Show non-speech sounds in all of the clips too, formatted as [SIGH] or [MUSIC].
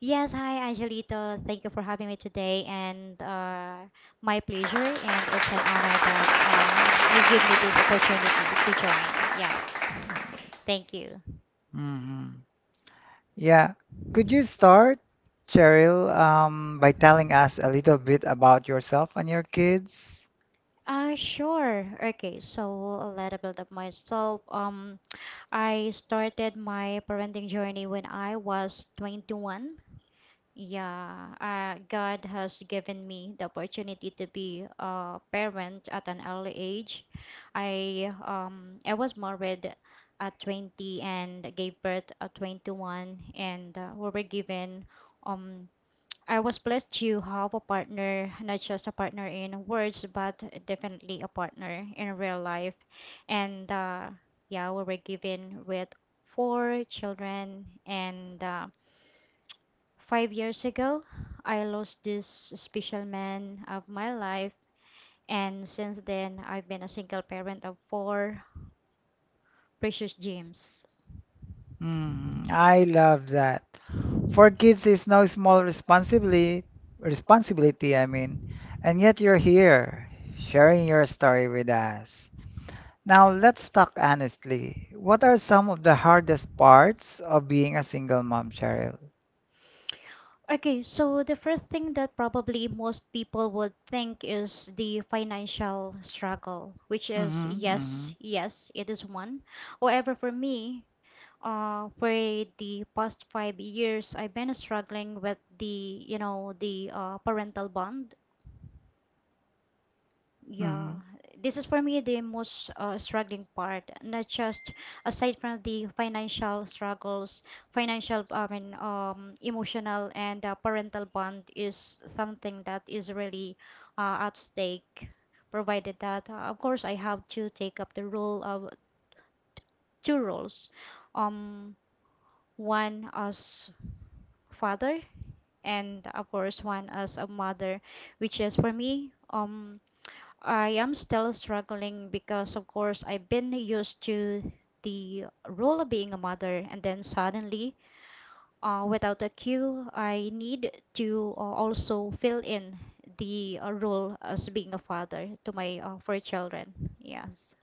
Yes, hi Angelito. Thank you for having me today, and my pleasure. And it's an honor that you give me this opportunity to join. Yeah, thank you. Sure. Okay, so a little bit of myself. I started my parenting journey when I was 21. Yeah, God has given me the opportunity to be a parent at an early age. I was married at 20 and gave birth at 21 and we were given um I was blessed to have a partner, not just a partner in words, but definitely a partner in real life. And yeah, we were given with four children, and 5 years ago, I lost this special man of my life, and since then, I've been a single parent of four precious gems. Okay, so the first thing that probably most people would think is the financial struggle, which is yes, yes, it is one. However, for me, for the past 5 years, I've been struggling with the parental bond. Yeah, this is for me the most struggling part, not just aside from the financial struggles, financial, I mean, emotional and parental bond is something that is really at stake, provided that, of course, I have to take up the role of two roles, um, one as father, and of course one as a mother, which is for me, I am still struggling because, of course, I've been used to the role of being a mother, and then suddenly, without a cue, I need to also fill in the role as being a father to my four children. Yes.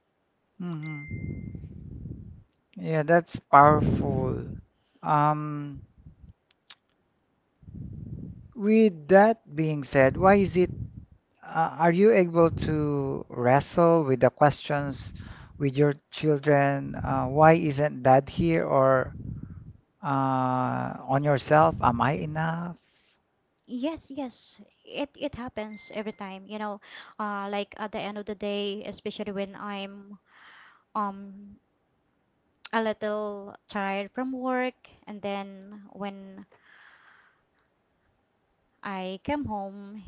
Yes, yes, it happens every time. You know, like at the end of the day, especially when I'm um [TSK] a little tired from work, and then when I came home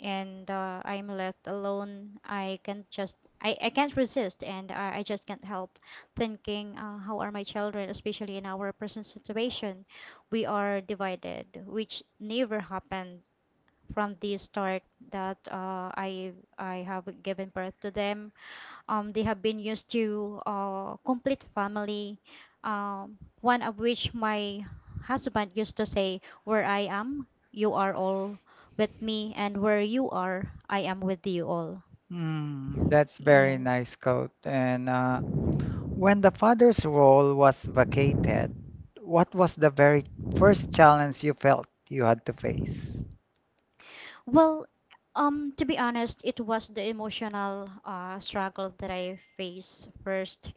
and I'm left alone. I can't resist, and I just can't help thinking how are my children, especially in our present situation. We are divided, which never happened from the start that I have given birth to them. They have been used to complete family. One of which my husband used to say, "Where I am, you are all with me, and where you are, I am with you all." Yes. um, Well, to be honest, it was the emotional struggle that I faced first.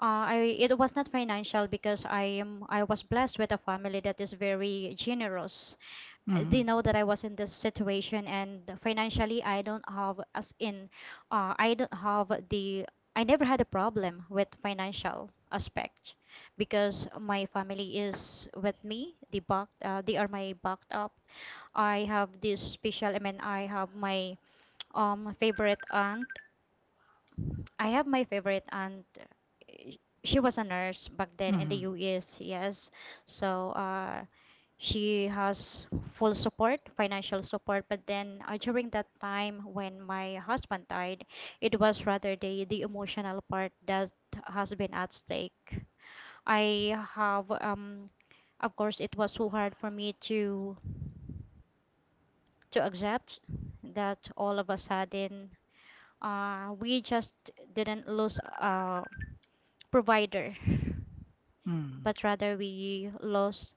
I it was not financial because I was blessed with a family that is very generous. They know that I was in this situation, and financially I don't have as in I don't have the, I never had a problem with financial aspect because my family is with me the back. They are my backed up. I have my favorite aunt. I have my favorite aunt. She was a nurse back then in the US, yes. So she has full support, financial support. But then during that time when my husband died, it was rather the emotional part that has been at stake. I have, of course, it was so hard for me to accept that all of a sudden we just didn't lose provider, but rather we lost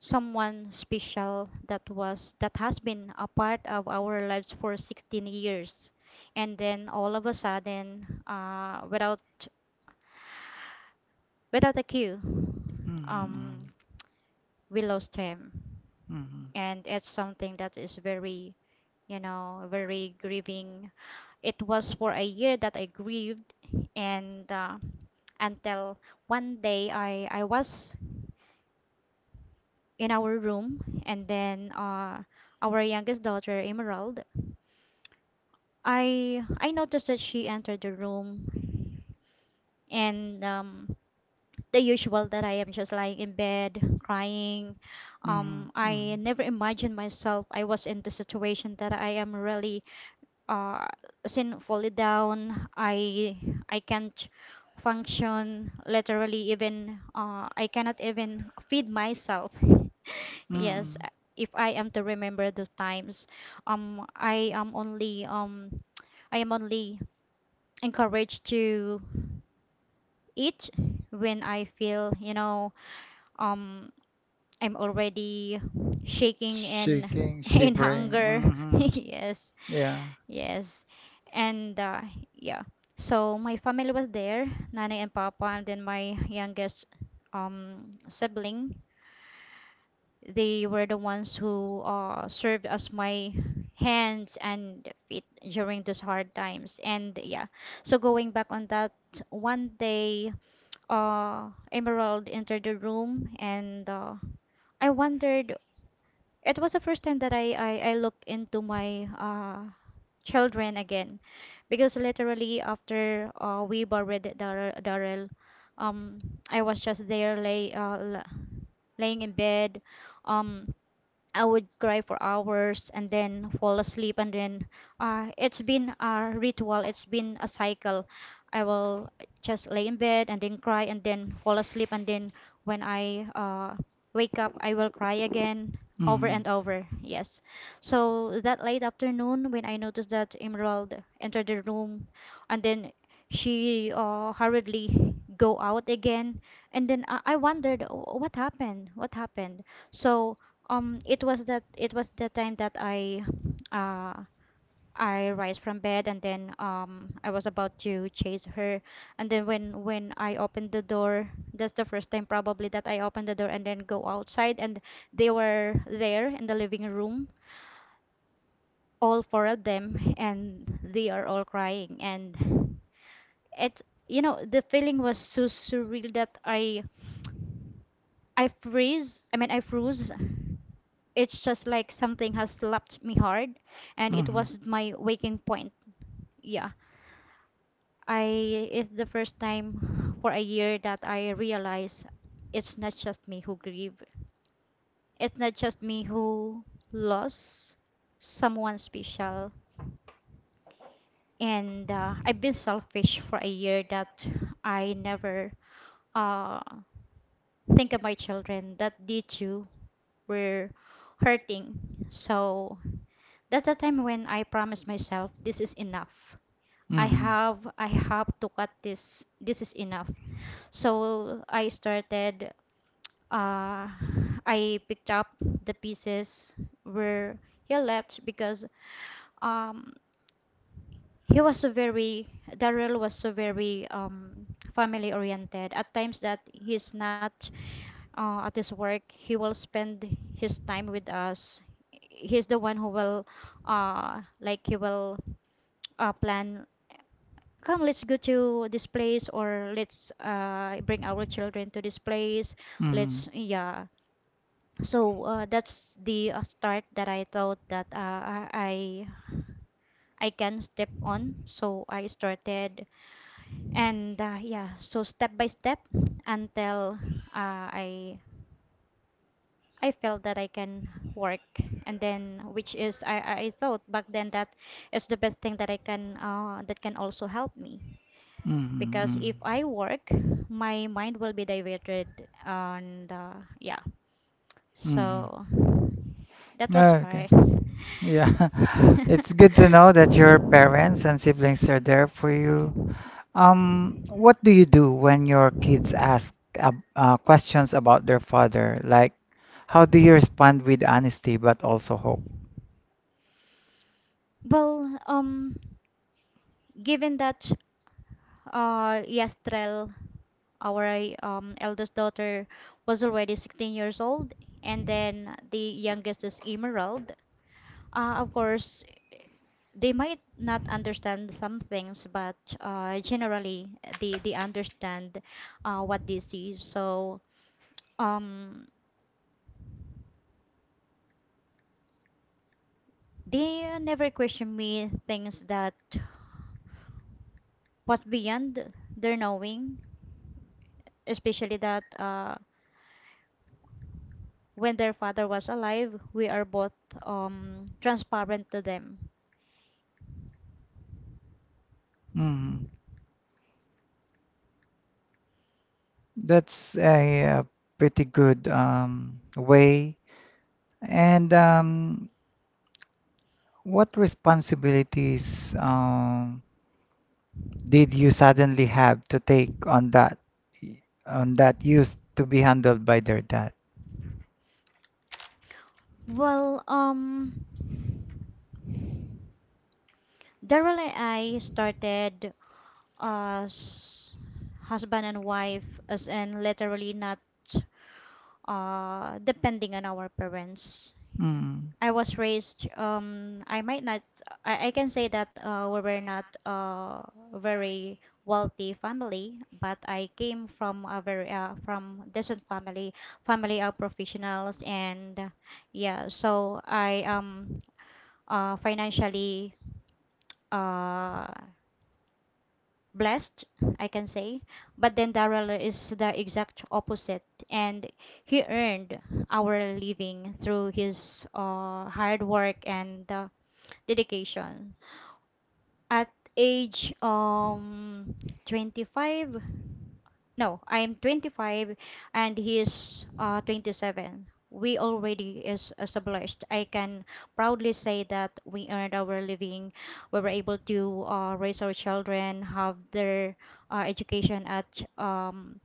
someone special that was that has been a part of our lives for 16 years, and then all of a sudden, without a cue, um, we lost him, and it's something that is very, you know, very grieving. It was for a year that I grieved, and until one day I was in our room, and then our youngest daughter Emerald, I noticed that she entered the room, and the usual that I am just lying in bed crying. I never imagined myself. I was in the situation that I am really uh, sinfully down. I can't function literally. Even I cannot even feed myself. Yes, if I am to remember those times, I am only [TSK] I am only encouraged to eat when I feel, you know, um, I'm already shaking in [LAUGHS] in hunger. [LAUGHS] Yes, yes, and yeah. So my family was there, Nana and Papa, and then my youngest sibling. They were the ones who served as my hands and feet during those hard times. And yeah, so going back on that, one day Emerald entered the room and I wondered, it was the first time that I looked into my children again because literally after we buried Darrell, um, I was just there laying in bed. Um, I would cry for hours and then fall asleep, and then it's been a ritual, it's been a cycle. I will just lay in bed and then cry and then fall asleep, and then when I wake up I will cry again over and over, yes. So that late afternoon when I noticed that Emerald entered the room, and then she hurriedly go out again, and then I wondered, "Oh, what happened, so it was that it was the time that uh I rise from bed, and then I was about to chase her, and then when I opened the door, that's the first time probably that I opened the door and then go outside, and they were there in the living room, all four of them, and they are all crying, and it's you know the feeling was so surreal that I freeze. I mean, I froze. It's just like something has slapped me hard, and it was my waking point. Yeah, I it's the first time for a year that I realize it's not just me who grieve. It's not just me who lost someone special. And I've been selfish for a year that I never uh, think of my children, that they too were hurting. So that's the time when I promised myself this is enough. I have to cut this. This is enough. So I started uh I picked up the pieces where he left because um he was so very Daryl was so very family oriented. At times that he's not at his work, he will spend his time with us. He's the one who will like he will plan, come let's go to this place, or let's bring our children to this place, let's yeah. So that's the start that I thought that I can step on, so I started. And yeah, so step by step until uh, i I felt that I can work, and then which is I thought back then that is the best thing that I can that can also help me because if I work, my mind will be diverted, and yeah, so that was hard. [LAUGHS] Well, given that, Yastrel, our eldest daughter, was already 16 years old, and then the youngest is Emerald. Of course, they might not understand some things, but generally they understand what they see. So um, they never question me things that was beyond their knowing, especially that when their father was alive, we are both transparent to them. Well, Daryl and I started as husband and wife, as in literally not depending on our parents. I was raised, I might not, I can say that we were not very wealthy family, but I came from a very from decent family, family of professionals, and yeah, so I am financially uh blessed, I can say. But then Darrell is the exact opposite, and he earned our living through his hard work and dedication. At age 25, no, I'm 25 and he's 27, we already is established. I can proudly say that we earned our living. We were able to raise our children, have their education at um,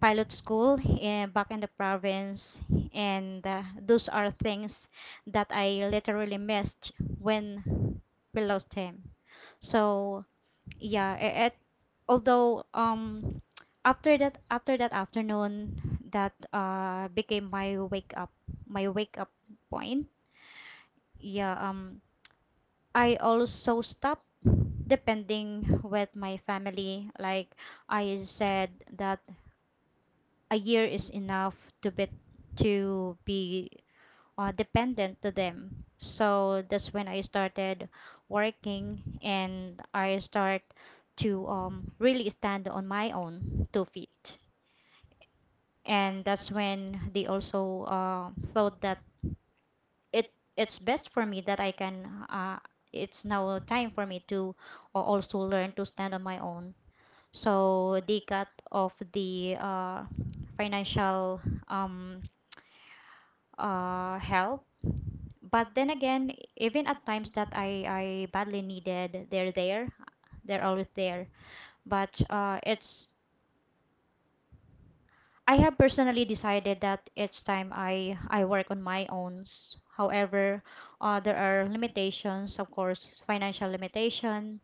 pilot school in, back in the province. And those are things that I literally missed when we lost him. So yeah, although after that afternoon that became my wake up my wake up point, yeah. I also stopped depending with my family, like I said that a year is enough to be to be dependent to them. So that's when I started working, and I start to really stand on my own two feet. And that's when they also thought that it it's best for me that I can, it's now time for me to also learn to stand on my own. So they cut off the financial, um, help. But then again, even at times that I badly needed, they're there, they're always there. But it's, I have personally decided that each time I work on my own. However, there are limitations, of course, financial limitation.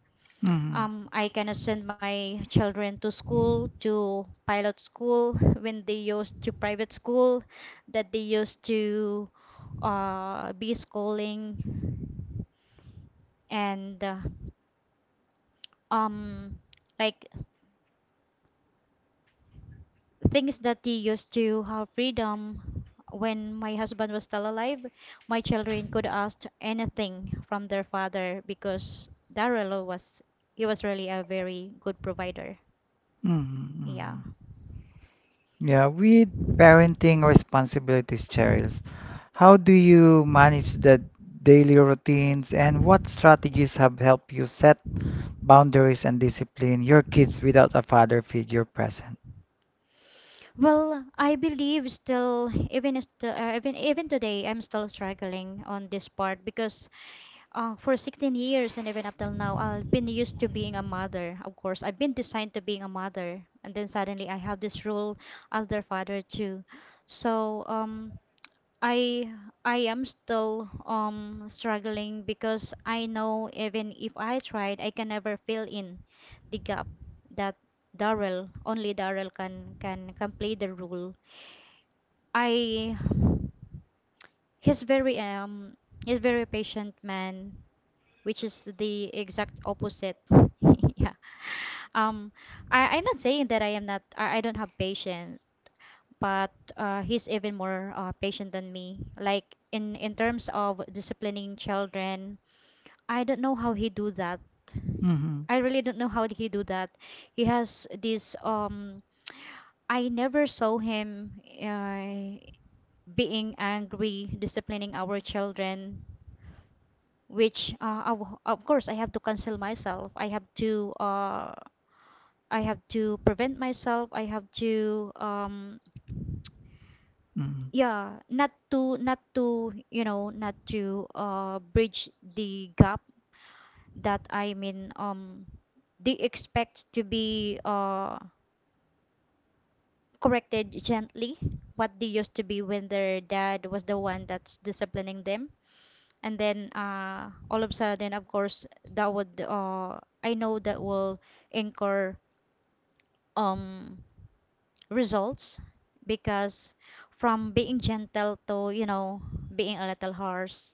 I cannot send my children to school, to pilot school, [LAUGHS] when they used to private school, that they used to be schooling, and um, like, things that they used to have freedom when my husband was still alive. My children could ask anything from their father because Darrell was, he was really a very good provider, yeah. Well, I believe still, even still, even today I'm still struggling on this part, because for 16 years and even up till now, I've been used to being a mother. Of course, I've been designed to being a mother, and then suddenly I have this role as their father too. So I I am still struggling, because I know even if I tried, I can never fill in the gap that Daryl, only Daryl can play the role. I [SIGHS] he's very, patient man, which is the exact opposite. [LAUGHS] Yeah. Um, I'm not saying that I am not, I don't have patience, but he's even more patient than me. Like in terms of disciplining children, I don't know how he do that. I really don't know how he do that. He has this, I never saw him being angry, disciplining our children, which of course I have to cancel myself. I have to prevent myself. I have to, yeah, not to bridge the gap that, I mean, they expect to be corrected gently, what they used to be when their dad was the one that's disciplining them. And then, all of a sudden, of course that would, I know that will incur, um results, because from being gentle to, you know, being a little harsh,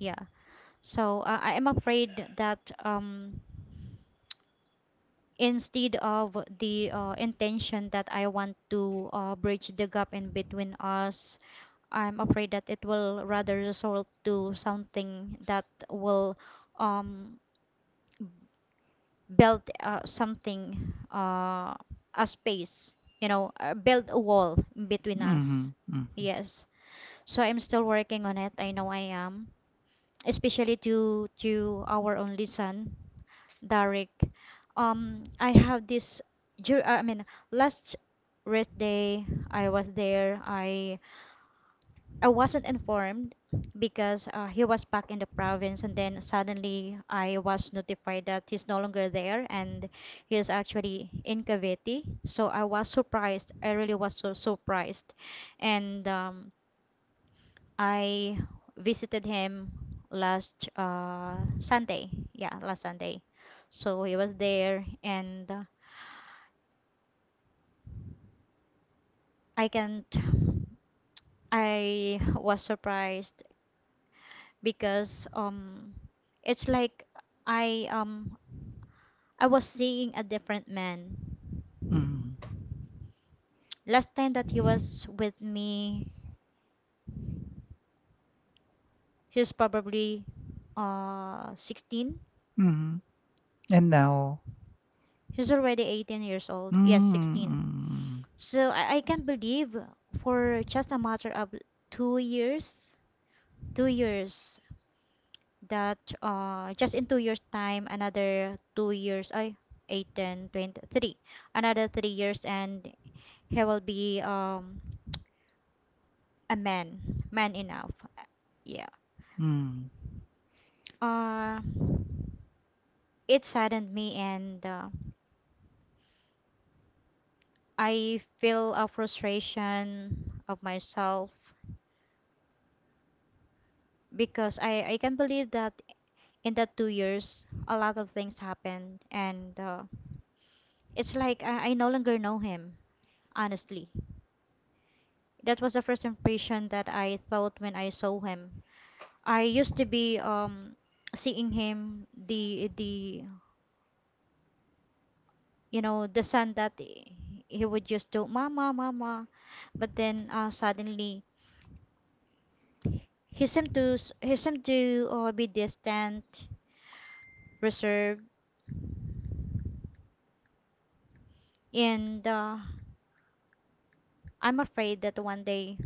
yeah. So I am afraid that, um instead of the intention that I want to bridge the gap in between us, I'm afraid that it will rather result to something that will um build, something, a space, you know, build a wall between us, yes. So I'm still working on it. I know I am, especially to our only son, Derek. I have this. I mean, last rest day, I was there. I wasn't informed, because he was back in the province, and then suddenly I was notified that he's no longer there, and he is actually in Cavite. So I was surprised. I really was so surprised, and I visited him last Sunday. Yeah, last Sunday. So he was there, and I can't. I was surprised because, it's like I um I was seeing a different man. Last time that he was with me, he's probably 16. He's already 18 years old. Yes, 16. So I can't believe, for just a matter of 2 years, 2 years, that just in 2 years time, another 2 years, I, 8, 10, 23 another 3 years, and he will be a man, man enough. Yeah. Uh it saddened me, and I feel a frustration of myself, because I can't believe that, in that 2 years, a lot of things happened, and, it's like I no longer know him, honestly. That was the first impression that I thought when I saw him. I used to be, seeing him, the, you know, the son that he would just do mama mama, but then, suddenly he seemed to be distant, reserved, and I'm afraid that one day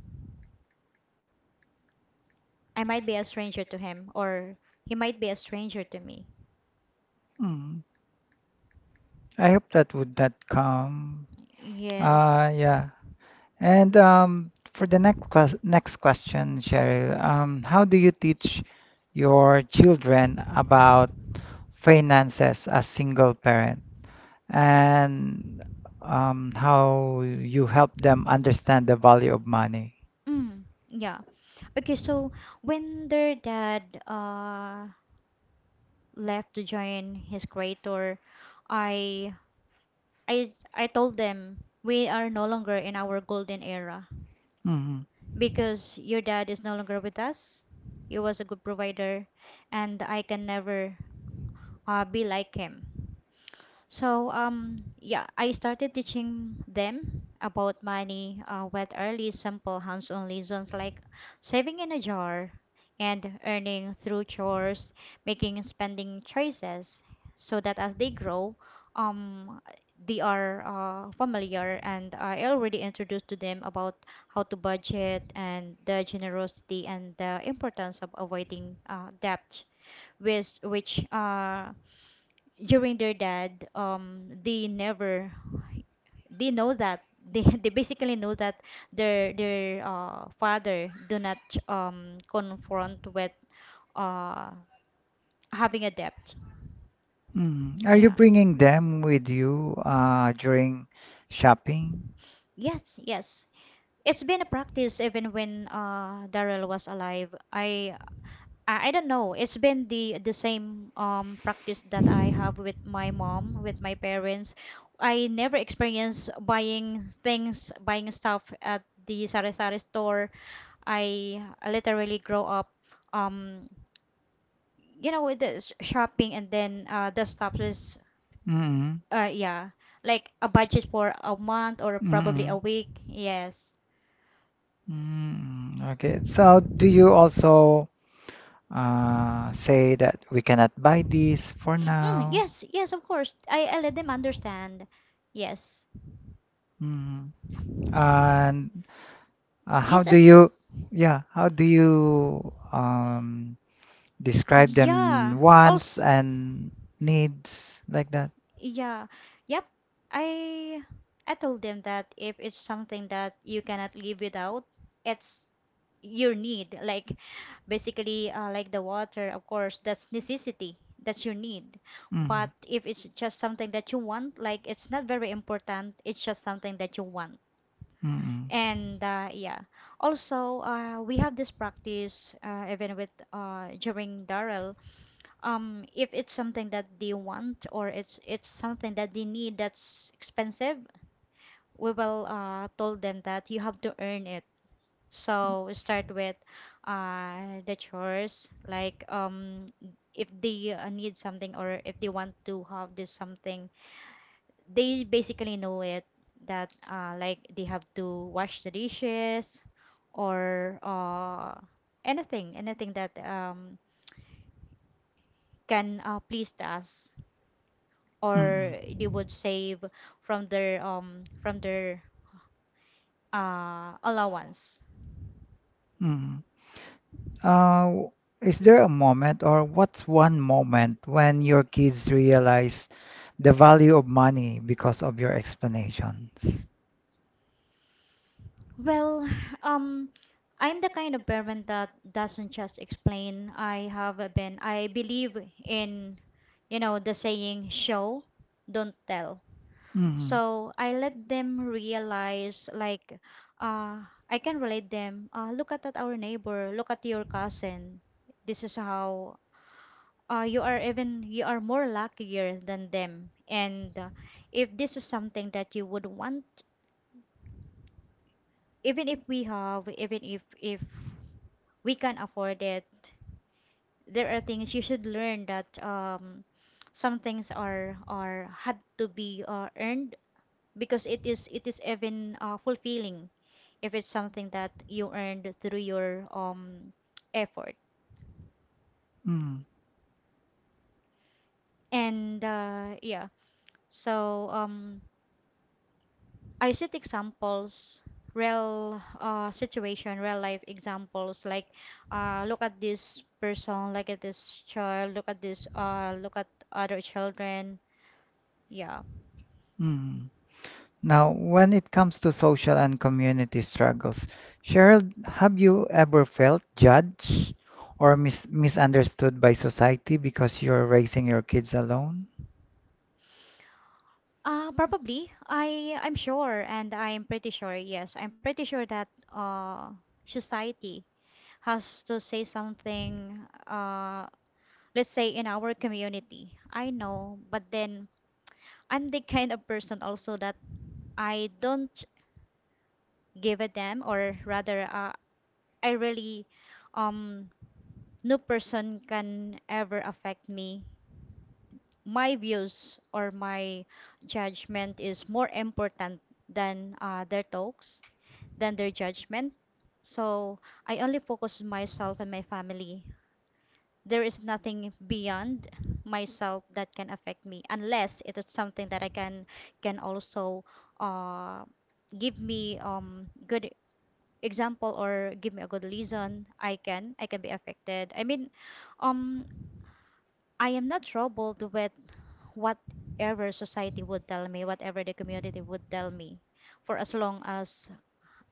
I might be a stranger to him, or he might be a stranger to me. Yes. Mm, yeah. Okay, so when their dad left to join his creator, I I told them we are no longer in our golden era because your dad is no longer with us. He was a good provider, and I can never be like him. So, yeah, I started teaching them about money, with early simple hands-on lessons, like saving in a jar and earning through chores, making spending choices, so that as they grow, um they are familiar, and I already introduced to them about how to budget, and the generosity, and the importance of avoiding debt, which during their dad, they never, they know that they [LAUGHS] they basically know that their father do not confront with uh having a debt, yeah. Yes, yes. It's been a practice even when Daryl was alive. I don't know. It's been the same practice that I have with my mom, with my parents. I never experienced buying things, buying stuff at the sari-sari store. I literally grow up, um you know, with the shopping, and then the stuff is, yeah, like a budget for a month or probably a week. Yes. Mm, yes, yes, of course. I let them understand. Yes. Yes, as, yeah. Also, yeah. Yep. I I told them that if it's something that you cannot live without, it's your need. Like, basically, like the water, of course, that's necessity. That's your need. But if it's just something that you want, like, it's not very important. It's just something that you want. And yeah. Also, we have this practice, even with, during Darrell, if it's something that they want, or it's something that they need that's expensive, we will told them that you have to earn it. So we start with the chores, like, if they need something, or if they want to have this something, they basically know it, that like, they have to wash the dishes, or anything that can please us, or they would save from their allowance. Well, [SIGHS] um I'm the kind of parent that doesn't just explain. I have been I believe in, you know, the saying, show don't tell. So I let them realize, like, I can relate them. Look at our neighbor, look at your cousin. This is how, you are, even you are more luckier than them. And, if this is something that you would want, even if we have, even if we can afford it, there are things you should learn, that some things are had to be earned, because it is even fulfilling, if it's something that you earned through your effort. Mm. And, yeah. So I set examples, real situation, real life examples, like, look at this person, look at this child, look at this, look at other children, yeah. Mm. Now, when it comes to social and community struggles, Cheryl, have you ever felt judged or misunderstood by society because you're raising your kids alone? Probably I'm sure, and I'm pretty sure, yes, I'm pretty sure that, uh, society has to say something. uh let's say, in our community, I know, but then I'm the kind of person also that I don't give a damn, or rather, I really, um no person can ever affect me. My views or my judgment is more important than their talks, than their judgment. So I only focus on myself and my family. There is nothing beyond myself that can affect me, unless it is something that I can also uh give me good example, or give me a good reason I can be affected. I mean, um I am not troubled with whatever society would tell me, whatever the community would tell me. For as long as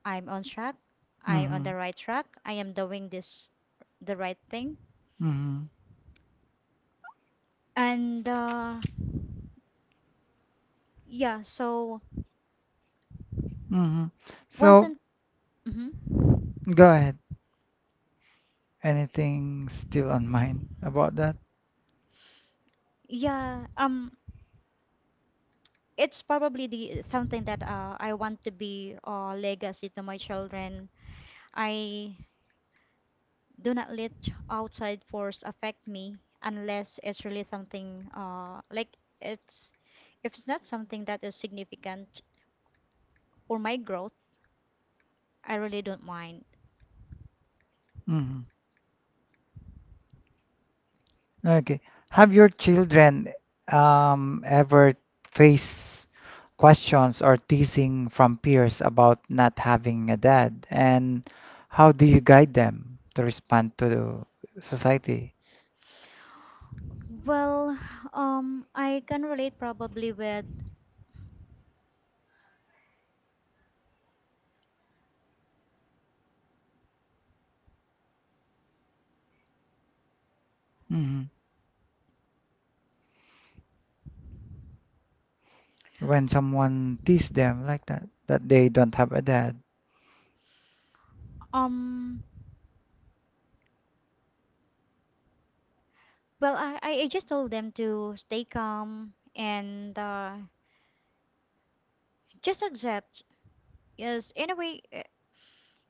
I'm on track, I'm on Mm-hmm. the right track, I am doing this the right thing. Mm-hmm. And yeah, so, Mm-hmm. once So, and mhm. go ahead. Anything still on mind about that? Yeah, it's probably the something that, I want to be a legacy to my children. I do not let outside force affect me unless it's really something, like, it's if it's not something that is significant for my growth, I really don't mind. Mm-hmm. Okay. Have your children ever faced questions or teasing from peers about not having a dad? And how do you guide them to respond to society? Well, I can relate probably with, Hmm. When someone teases them like that, that they don't have a dad. um, well, I just told them to stay calm, and just accept. Yes, anyway,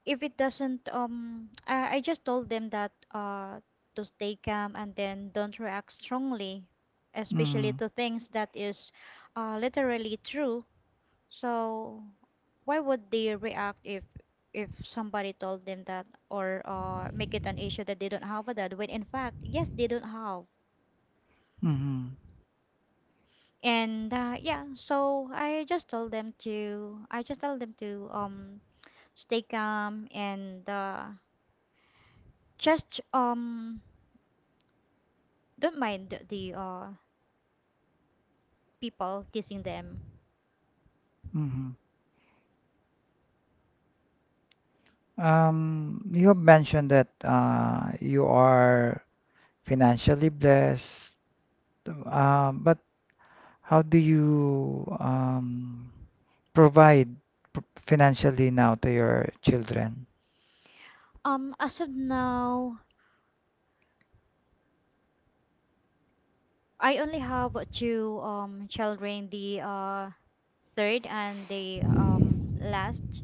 if it doesn't, I just told them that to stay calm, and then don't react strongly, especially Mm. to things that is literally true. So why would they react if somebody told them that, or make it an issue that they don't have that, when in fact, yes, they don't have. Mm-hmm. So I just told them to I just told them to stay calm and just don't mind the people teasing them. Mm-hmm. You have mentioned that you are financially blessed, but how do you provide p- financially now to your children? As of now, I only have two children, the third and the last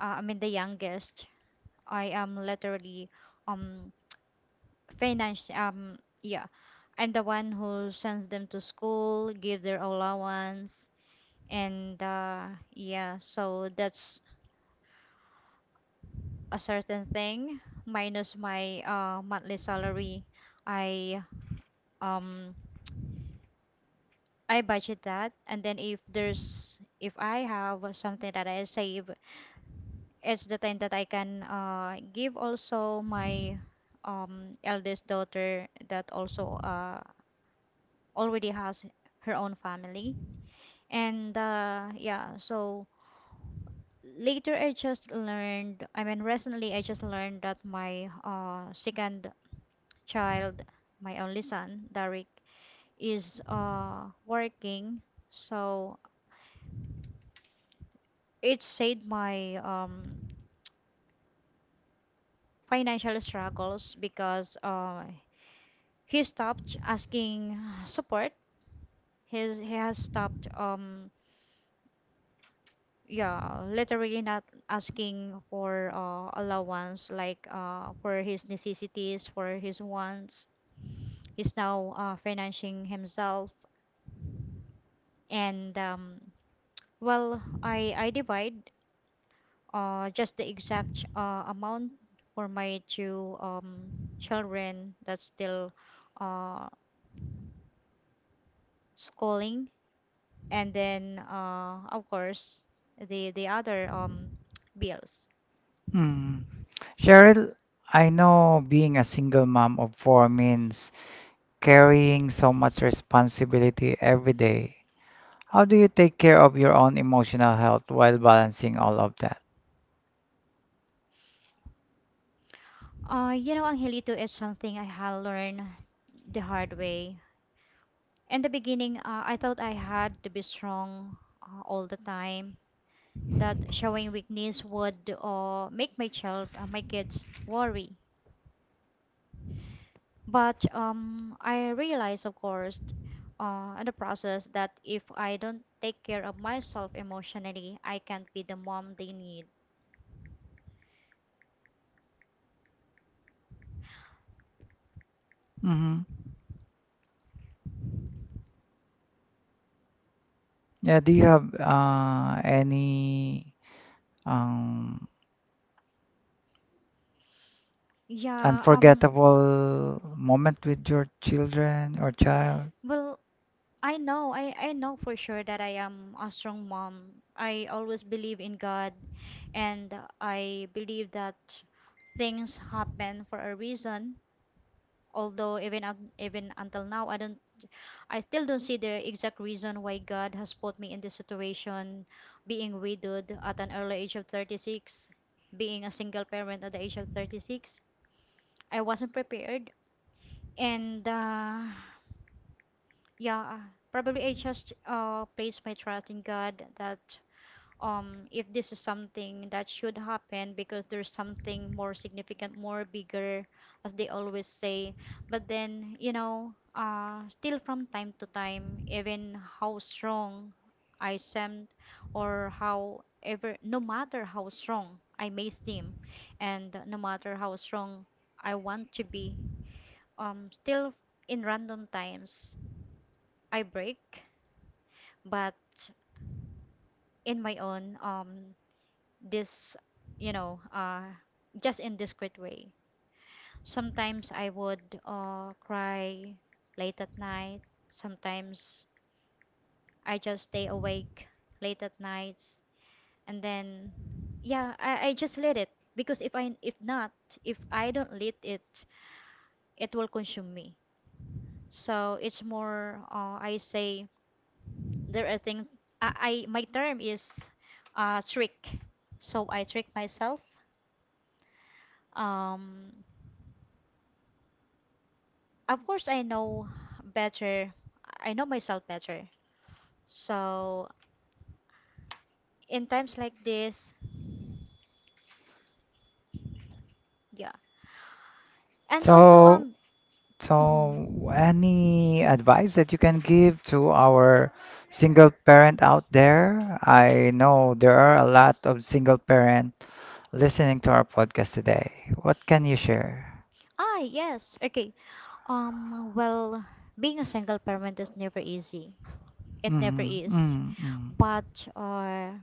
I mean the youngest. I am literally um finance yeah. I'm the one who sends them to school, give their allowance and yeah, so that's a certain thing minus my monthly salary. I um i budget that, and then if I have something that I save, it's the time that I can, give also my eldest daughter that also already has her own family. And yeah, so later I just learned I mean recently I just learned that my second child, my only son, Derek, is working. So it saved my financial struggles because he stopped asking support. He has stopped, yeah, literally not asking for allowance, like for his necessities, for his wants. He's now financing himself, and well, I divide just the exact amount for my two children that's still uh schooling, and then of course the other bills. Hmm. Cheryl, I know being a single mom of four means carrying so much responsibility every day. How do you take care of your own emotional health while balancing all of that? You know, Angelito, is something I had learned the hard way. In the beginning, I thought I had to be strong all the time, that showing weakness would make my kids worry. But I realized, of course, in the process that if I don't take care of myself emotionally, I can't be the mom they need. Hmm. Yeah, do you have any um, Yeah, unforgettable moment with your children or child? well, I know for sure that I am a strong mom. I always believe in God, and I believe that things happen for a reason. Although even until now, I still don't see the exact reason why God has put me in this situation, being widowed at an early age of 36, being a single parent at the age of 36. I wasn't prepared, and yeah, probably I just placed my trust in God that, if this is something that should happen, because there's something more significant, more bigger, as they always say. But then, you know, still from time to time, even how strong I seem, or however, no matter how strong I may seem, and no matter how strong I want to be, still in random times I break, but in my own, this you know just in discreet way. Sometimes I would cry late at night. Sometimes I just stay awake late at nights, and then yeah, I just let it, because if I don't let it, it will consume me. So it's more, I say, there are things, I my term is trick. So I trick myself. um of course, I know better. I know myself better. So in times like this, yeah. And also So, mhm. So, any advice that you can give to our single parent out there? I know there are a lot of single parent listening to our podcast today. What can you share? Ah yes, okay. Well, being a single parent is never easy. It never Mhm, is. mhm, mhm, But uh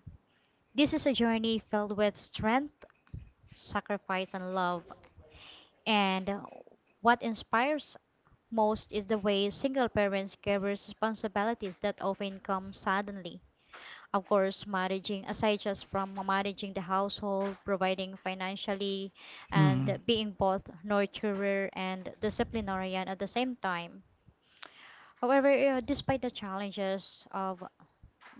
this is a journey filled with strength, sacrifice and love. And what inspires most is the way single parents carry responsibilities that often come suddenly, of course, managing, aside just from managing the household, providing financially, mhm, and being both nurturer and disciplinarian at the same time. However, despite the challenges of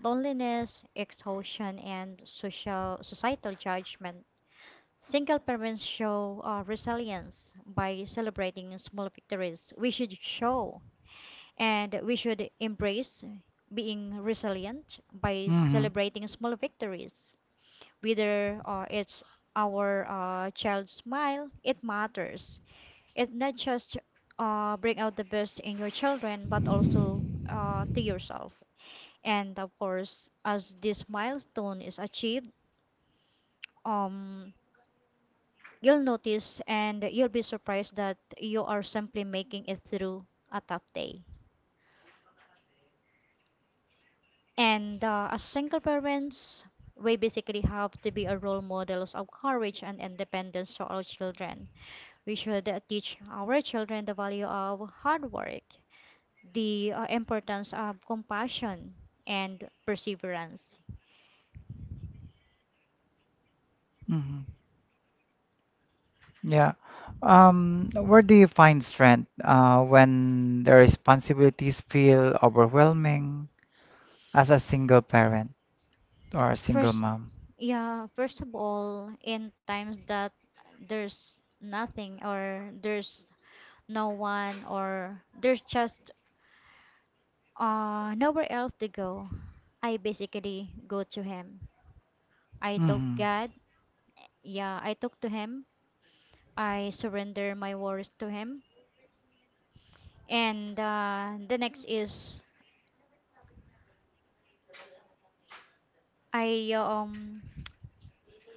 loneliness, exhaustion and social societal judgment, single parents show resilience by celebrating small victories. We should show, and we should embrace being resilient by mhm, celebrating small victories, whether it's our child's smile, it matters. It not just bring out the best in your children, but also to yourself. And of course, as this milestone is achieved, um, you'll notice and you'll be surprised that you are simply making it through a tough day. And as single parents, we basically have to be a role models of courage and independence to our children. We should teach our children the value of hard work, the importance of compassion and perseverance. mhm. Yeah. Where do you find strength when the responsibilities feel overwhelming as a single parent or a single First, mom? yeah, First of all, in times that there's nothing, or there's no one, or there's just nowhere else to go, I basically go to Him. I took Mm. God, yeah, I took to Him. I surrender my worries to Him. And the next is, I um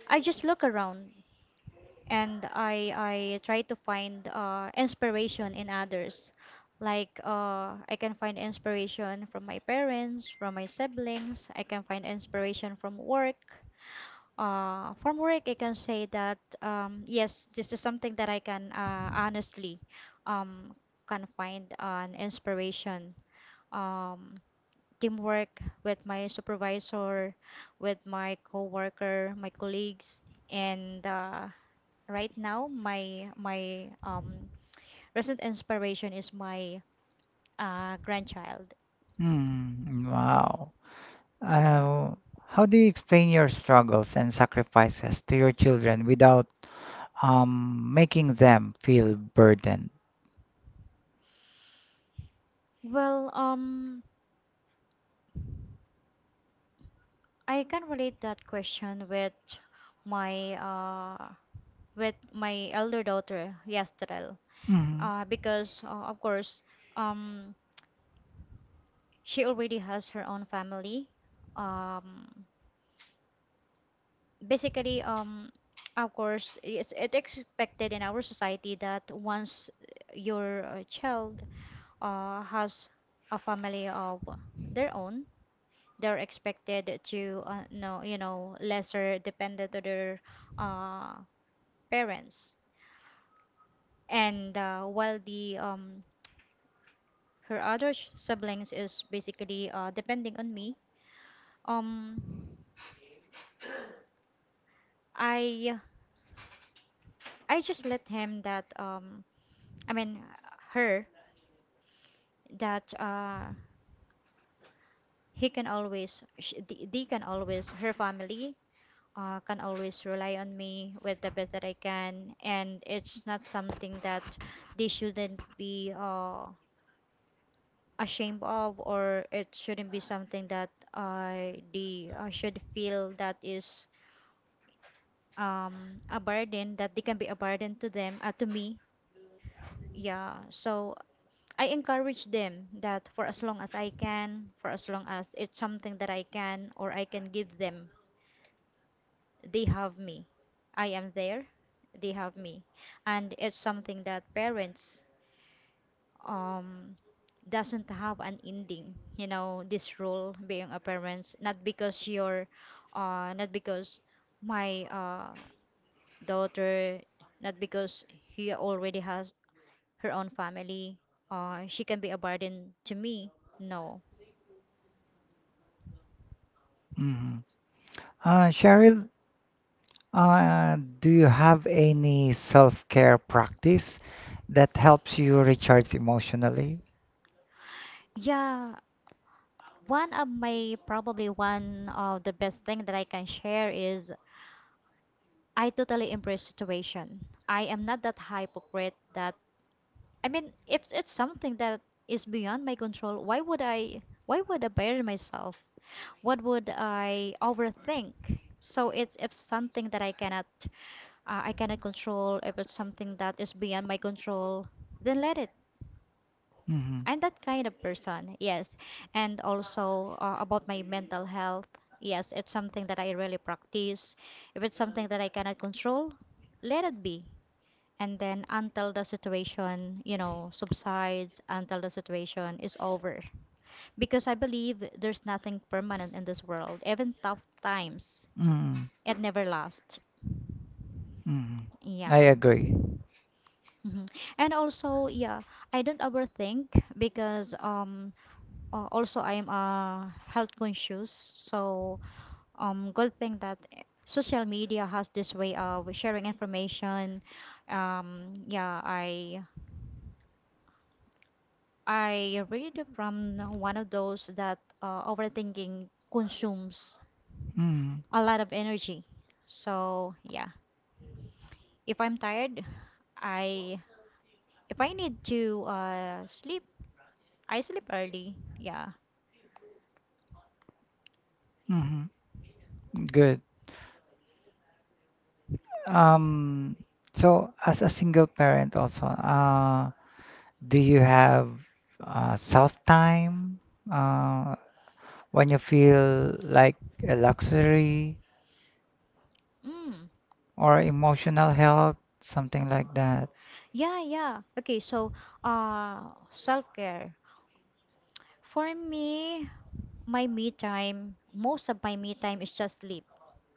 I just look around, and I try to find inspiration in others. Like, I can find inspiration from my parents, from my siblings, I can find inspiration from work. From work I can say that, yes, this is something that I can honestly um can find an inspiration. Um Teamwork with my supervisor, with my coworker, my colleagues, and right now my recent inspiration is my grandchild. Mm. Wow. Yeah. Uh, how do you explain your struggles and sacrifices to your children without making them feel burdened? Well, I can relate that question my uh with my elder daughter, Yastrel. Mm. Because of course, um, she already has her own family. Um, Basically, of course, it's it expected in our society that once your child has a family of their own, they're expected to know, you know, lesser dependent on their uh, parents. And while the her other siblings is basically depending on me, um, I I just let him that, I mean her, that he can always sh- they can always, her family can always rely on me with the best that I can, and it's not something that they shouldn't be ashamed of, or it shouldn't be something that they should feel that is a burden, that they can be a burden to them to me. Yeah, so I encourage them that for as long as I can, for as long as it's something that I can or I can give them, they have me. I am there, they have me. And it's something that parents um doesn't have an ending, you know, this role being a parent. Not because you're not because my daughter, not because he already has her own family, she can be a burden to me. No. Mm. Cheryl, do you have any self-care practice that helps you recharge emotionally? Yeah, one of my, probably one of the best thing that I can share is, I totally embrace situation. I am not that hypocrite that, I mean, if it's something that is beyond my control, why would I bury myself? What would I overthink? So it's, if something that I cannot, I cannot control, if it's something that is beyond my control, then let it. Mm. I'm that kind of person. Yes. And also, about my mental health. Yes, it's something that I really practice. If it's something that I cannot control, let it be, and then until the situation, you know, subsides, until the situation is over. Because I believe there's nothing permanent in this world, even tough times, Mm. it never lasts. Mm. I Yeah. agree. Hmm. And also, yeah, I don't overthink because, also I am health conscious. So, good thing that, eh, social media has this way of sharing information. Yeah, I read from one of those that overthinking consumes Mm. a lot of energy. So yeah, if I'm tired, I, if I need to sleep, I sleep early. Yeah. Mm. Good. Um, so as a single parent also, do you have self time uh, when you feel like a luxury Mm. or emotional health, something like that? Yeah, yeah. Okay, so self-care. For me, my me time, most of my me time is just sleep.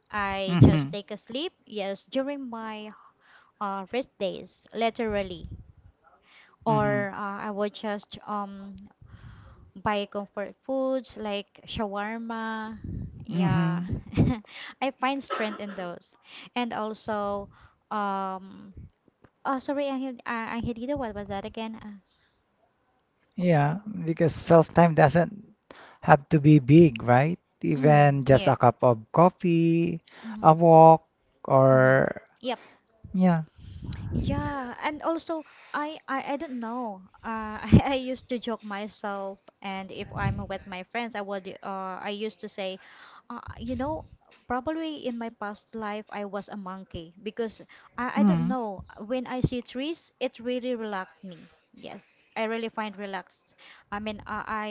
I just Mm-hmm. take a sleep, yes, during my rest days, literally. Mm-hmm. Or I would just buy comfort foods like shawarma. Yeah. Mm-hmm. [LAUGHS] I find strength in those. And also um oh sorry Angel, Angelita, what was that again? Yeah, because self time doesn't have to be big, right? Mm, Even just a yes. cup of coffee, a Mm-hmm. walk, Mm-hmm. or Yeah. yeah. Yeah, and also I don't know. [LAUGHS] I used to joke myself, and if I'm with my friends, I would. I used to say, you know, probably in my past life I was a monkey because I don't Mm. know. When I see trees, it really relaxed me. Yes, I really find relaxed. I mean, I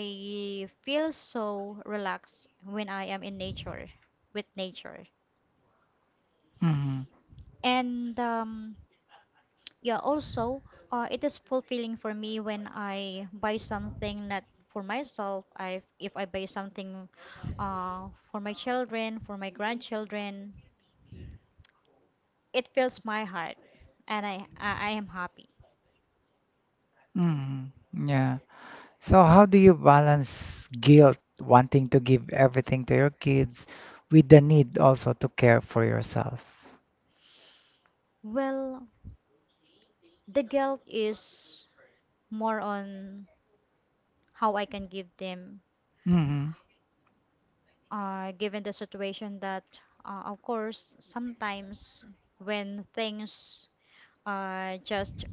feel so relaxed when I am in nature, with nature, Mm. and. Yeah, also, it is fulfilling for me when I buy something not for myself. I If I buy something for my children, for my grandchildren, it fills my heart, and I am happy. Mm. Yeah. So how do you balance guilt, wanting to give everything to your kids, with the need also to care for yourself? Well, the guilt is more on how I can give them, Mm. Given the situation that, of course, sometimes when things just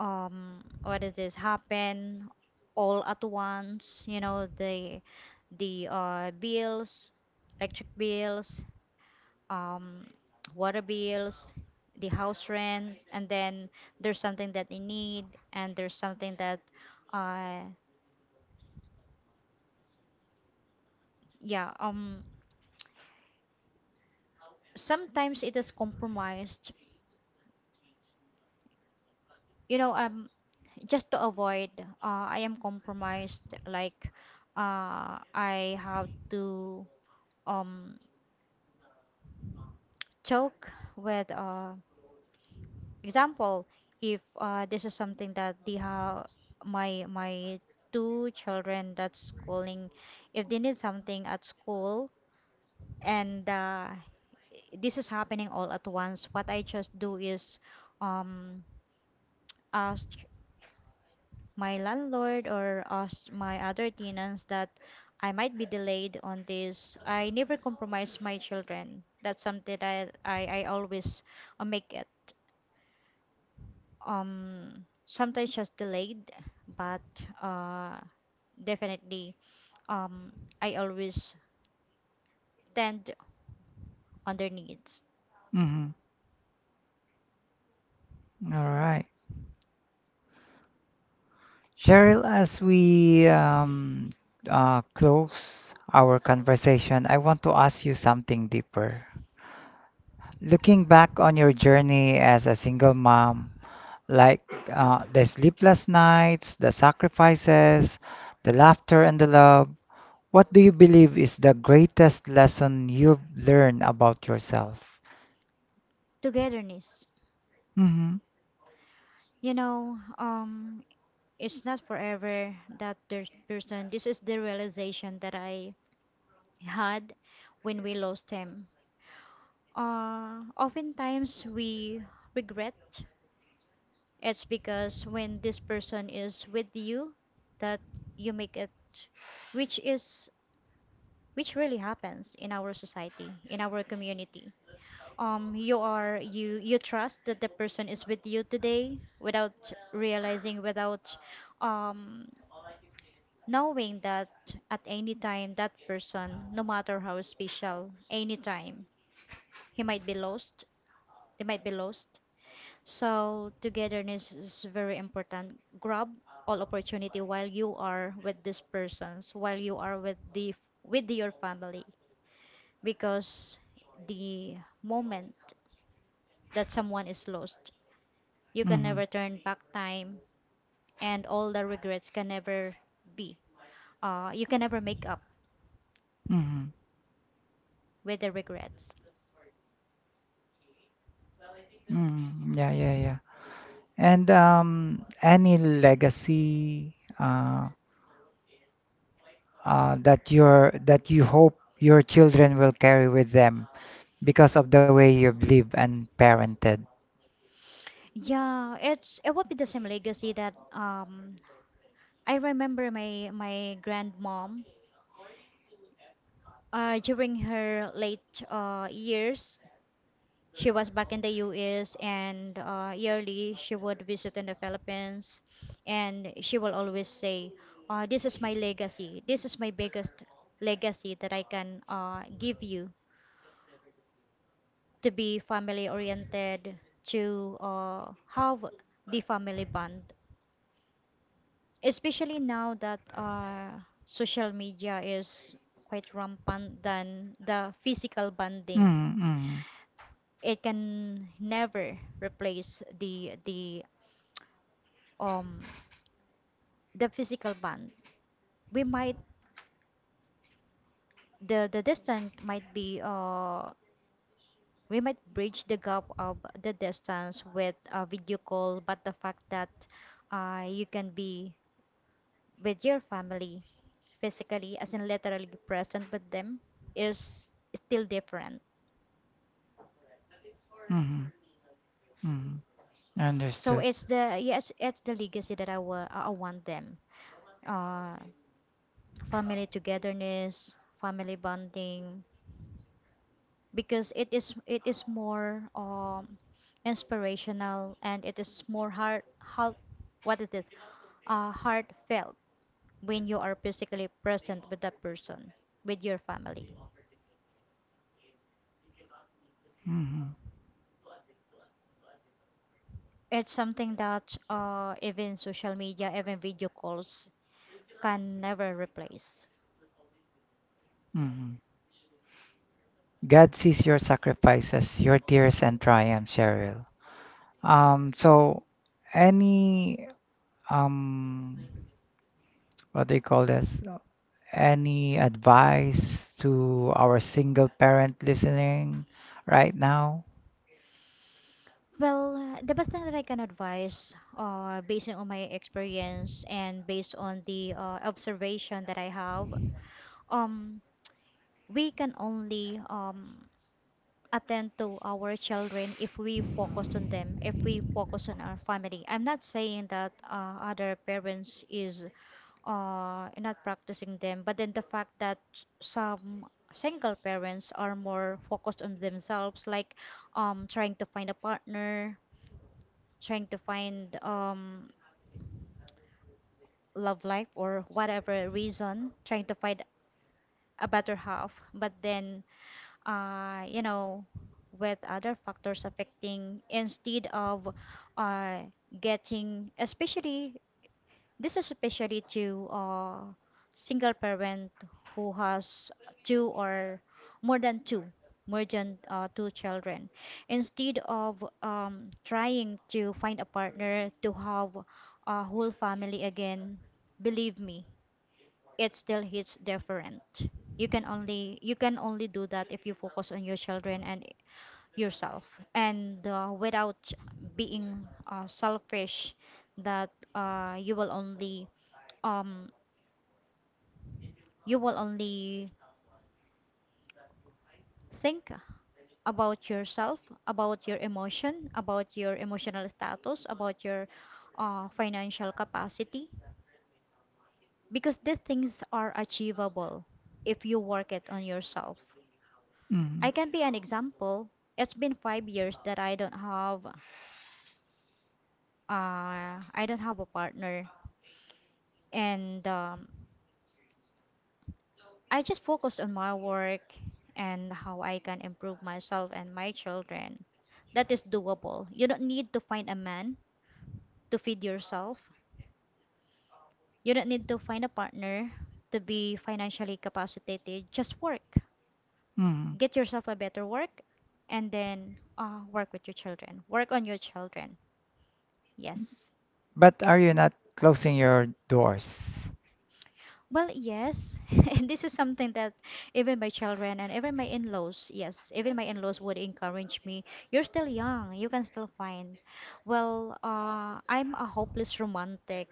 what is this happen all at once. The bills, electric bills, um water bills, the house rent, and then there's something that they need, and there's something that uh yeah um sometimes it is compromised. you know um just to avoid I am compromised, like I have to um joke with, example, if this is something that they have, my two children that's schooling, if they need something at school and this is happening all at once, what I just do is um ask my landlord or ask my other tenants that I might be delayed on this. I never compromise my children. That's something that I always make it, sometimes just delayed, but uh definitely, um I always tend on their needs. Mm. All right. Cheryl, as we close our conversation, I want to ask you something deeper. Looking back on your journey as a single mom, like the sleepless nights, the sacrifices, the laughter, and the love. What do you believe is the greatest lesson you've learned about yourself? Togetherness. Mm-hmm. you know um it's not forever that there's person. This is the realization that I had when we lost him. Oftentimes we regret. It's because when this person is with you, that you make it, which is, which really happens in our society, in our community. You are, you trust that the person is with you today without realizing, without um knowing that at any time that person, no matter how special, any time he might be lost, they might be lost. So togetherness is very important. Grab all opportunity while you are with these persons, while you are with the, with your family, because the moment that someone is lost, you can Mm-hmm. never turn back time, and all the regrets can never be. You can never make up Mm-hmm. with the regrets. Mm-hmm. Yeah, yeah, yeah. And any legacy that you hope your children will carry with them because of the way you've lived and parented. Yeah, it would be the same legacy that I remember my grandmom during her late years. She was back in the US, and yearly she would visit in the Philippines, and she will always say, this is my legacy. This is my biggest legacy that I can, give you, to be family oriented, to have the family bond. Especially now that social media is quite rampant than the physical bonding. Mm, mm, It can never replace um the physical bond. We might The distance might be, we might bridge the gap of the distance with a video call, but the fact that you can be with your family physically, as in literally present with them, is still different. mm, mm. So Understood. it's the, yes, it's the legacy that I want them, uh family togetherness, family bonding, because it is more inspirational, and it is more heart heart what is this heartfelt when you are physically present with that person, with your family. Mm-hmm. It's something that even social media, even video calls, can never replace. Mm-hmm. God sees your sacrifices, your tears and triumphs, Cheryl. So, any um what do you call this? Any advice to our single parent listening right now? Well, the best thing that I can advise, based on my experience and based on the observation that I have, um, we can only, attend to our children if we focus on them, if we focus on our family. I'm not saying that other parents is not practicing them, but then the fact that some single parents are more focused on themselves, like, trying to find a partner, trying to find, love life or whatever reason, trying to find a better half, but then you know, with other factors affecting instead of uh, getting, especially, this is especially to single parent who has two or more than two, more than, two children. Instead of trying to find a partner to have a whole family again, believe me, it still hits different. You can only do that if you focus on your children and yourself, and without being selfish, that um you will only think about yourself, about your emotion, about your emotional status, about your financial capacity, because these things are achievable if you work it on yourself. Mm-hmm. I can be an example. It's been 5 years that I don't have a partner, and I just focus on my work and how I can improve myself and my children. That is doable. You don't need to find a man to feed yourself. You don't need to find a partner to be financially capacitated. Just work. Get yourself a better work, and then work with your children. Work on your children. Yes. But are you not closing your doors? Well, yes. [LAUGHS] This is something that even my children and even my in-laws, yes, even my in-laws would encourage me. You're still young, you can still find. Well, I'm a hopeless romantic,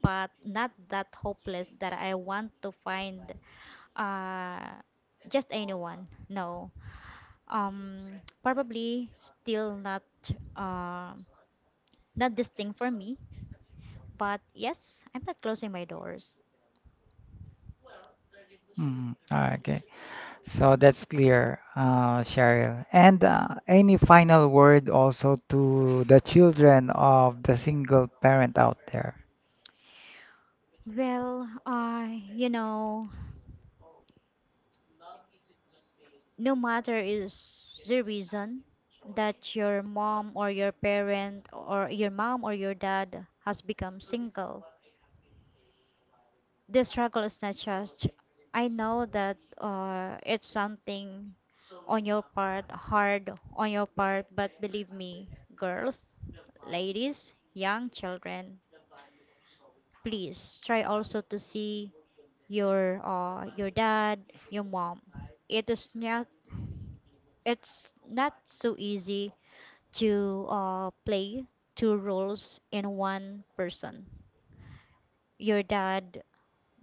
but not that hopeless that I want to find uh just anyone. No. Probably still not, uh, not this thing for me. But yes, I'm not closing my doors. Mm, okay. So that's clear, Cheryl. And any final word also to the children of the single parent out there? Well, you know, no matter is the reason that your mom or your parent or your mom or your dad has become single, this struggle is not just, I know that it's something on your part, hard on your part, but believe me, girls, ladies, young children, please try also to see your, your dad, your mom. It is not, it's not so easy to play two roles in one person. Your dad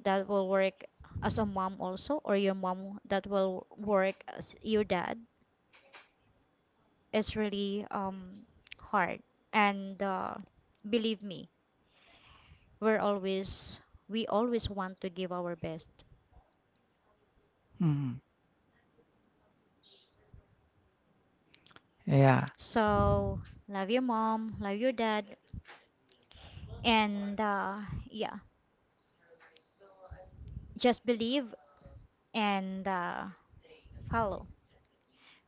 that will work as a mom also, or your mom that will work as your dad, is really, hard. And believe me, we're always we always want to give our best. Mm, yeah. So love your mom, love your dad, and yeah, just believe, and follow.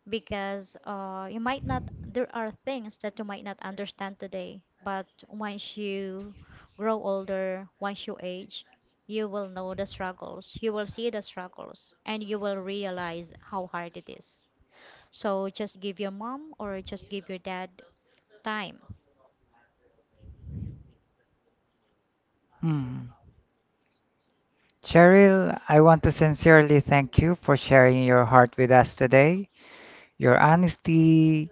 Because you might not, there are things that you might not understand today, but once you grow older, once you age, you will know the struggles, you will see the struggles, and you will realize how hard it is. So just give your mom or just give your dad time. Mm. Cheryl, I want to sincerely thank you for sharing your heart with us today. Your honesty,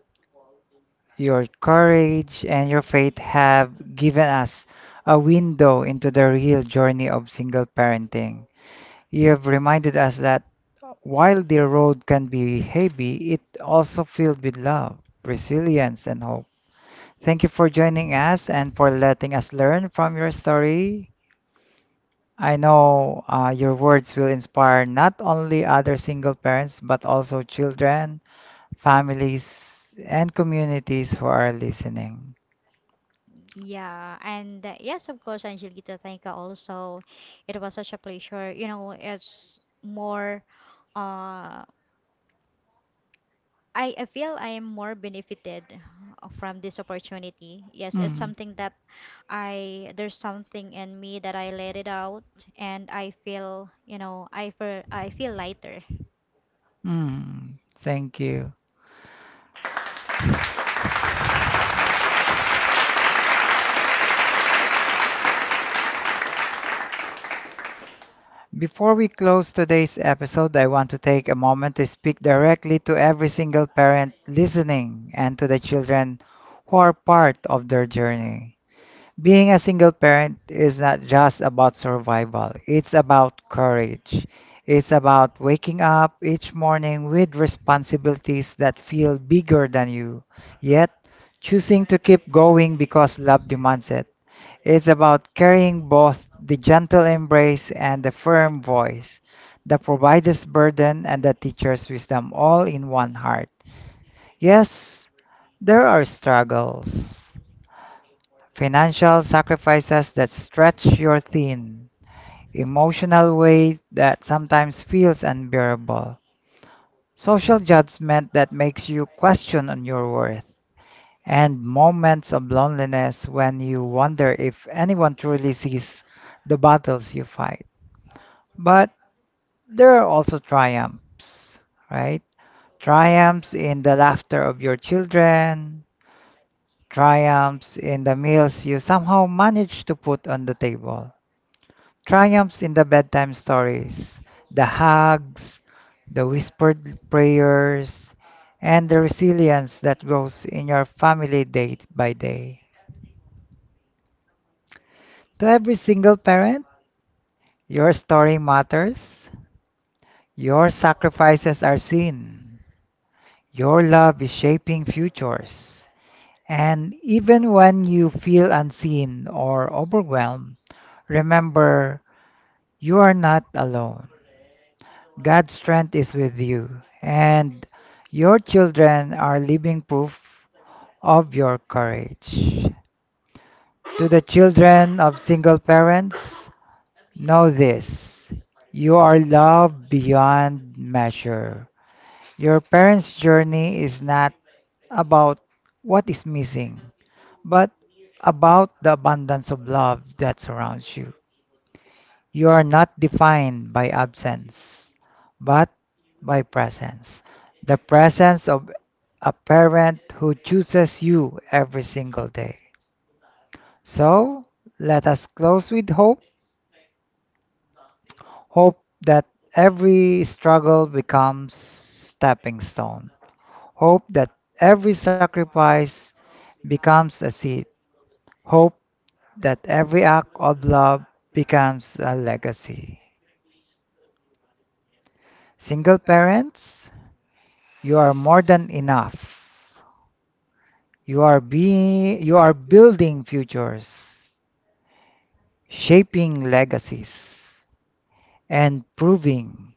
your courage, and your faith have given us a window into the real journey of single parenting. You have reminded us that while the road can be heavy, it also filled with love, resilience, and hope. Thank you for joining us and for letting us learn from your story. I know your words will inspire not only other single parents, but also children, families, and communities who are listening. Yeah, and yes, of course, Angelita, thank you also. It was such a pleasure. You know, it's more uh I feel I am more benefited from this opportunity. Yes, it's Mm. something that I, there's something in me that I let it out, and I feel, you know, I feel lighter. Mm. Thank you. Yeah. Before we close today's episode, I want to take a moment to speak directly to every single parent listening and to the children who are part of their journey. Being a single parent is not just about survival, it's about courage. It's about waking up each morning with responsibilities that feel bigger than you, yet choosing to keep going because love demands it. It's about carrying both the gentle embrace and the firm voice, the provider's burden and the teacher's wisdom all in one heart. Yes, there are struggles, financial sacrifices that stretch your thin, emotional weight that sometimes feels unbearable, social judgment that makes you question on your worth, and moments of loneliness when you wonder if anyone truly sees the battles you fight. But there are also triumphs, right? Triumphs in the laughter of your children, triumphs in the meals you somehow manage to put on the table, triumphs in the bedtime stories, the hugs, the whispered prayers, and the resilience that grows in your family day by day. To every single parent, your story matters, your sacrifices are seen, your love is shaping futures. And even when you feel unseen or overwhelmed, remember you are not alone. God's strength is with you, and your children are living proof of your courage. To the children of single parents, know this, you are loved beyond measure. Your parents' journey is not about what is missing, but about the abundance of love that surrounds you. You are not defined by absence, but by presence. The presence of a parent who chooses you every single day. So let us close with hope. Hope that every struggle becomes stepping stone. Hope that every sacrifice becomes a seed. Hope that every act of love becomes a legacy. Single parents, you are more than enough. You are building futures, shaping legacies, and proving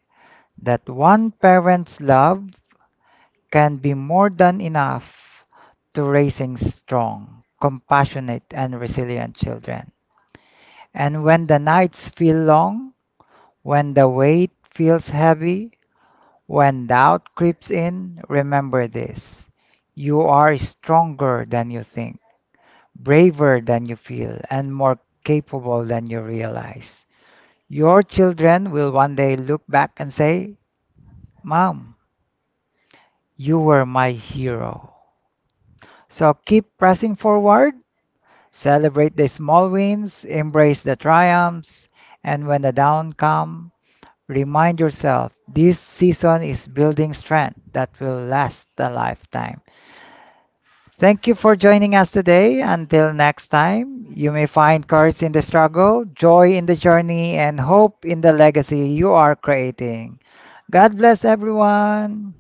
that one parent's love can be more than enough to raising strong, compassionate, and resilient children. And when the nights feel long, when the weight feels heavy, when doubt creeps in, remember this. You are stronger than you think, braver than you feel, and more capable than you realize. Your children will one day look back and say, Mom, you were my hero. So keep pressing forward, celebrate the small wins, embrace the triumphs, and when the down come, remind yourself this season is building strength that will last a lifetime. Thank you for joining us today. Until next time, you may find courage in the struggle, joy in the journey, and hope in the legacy you are creating. God bless everyone.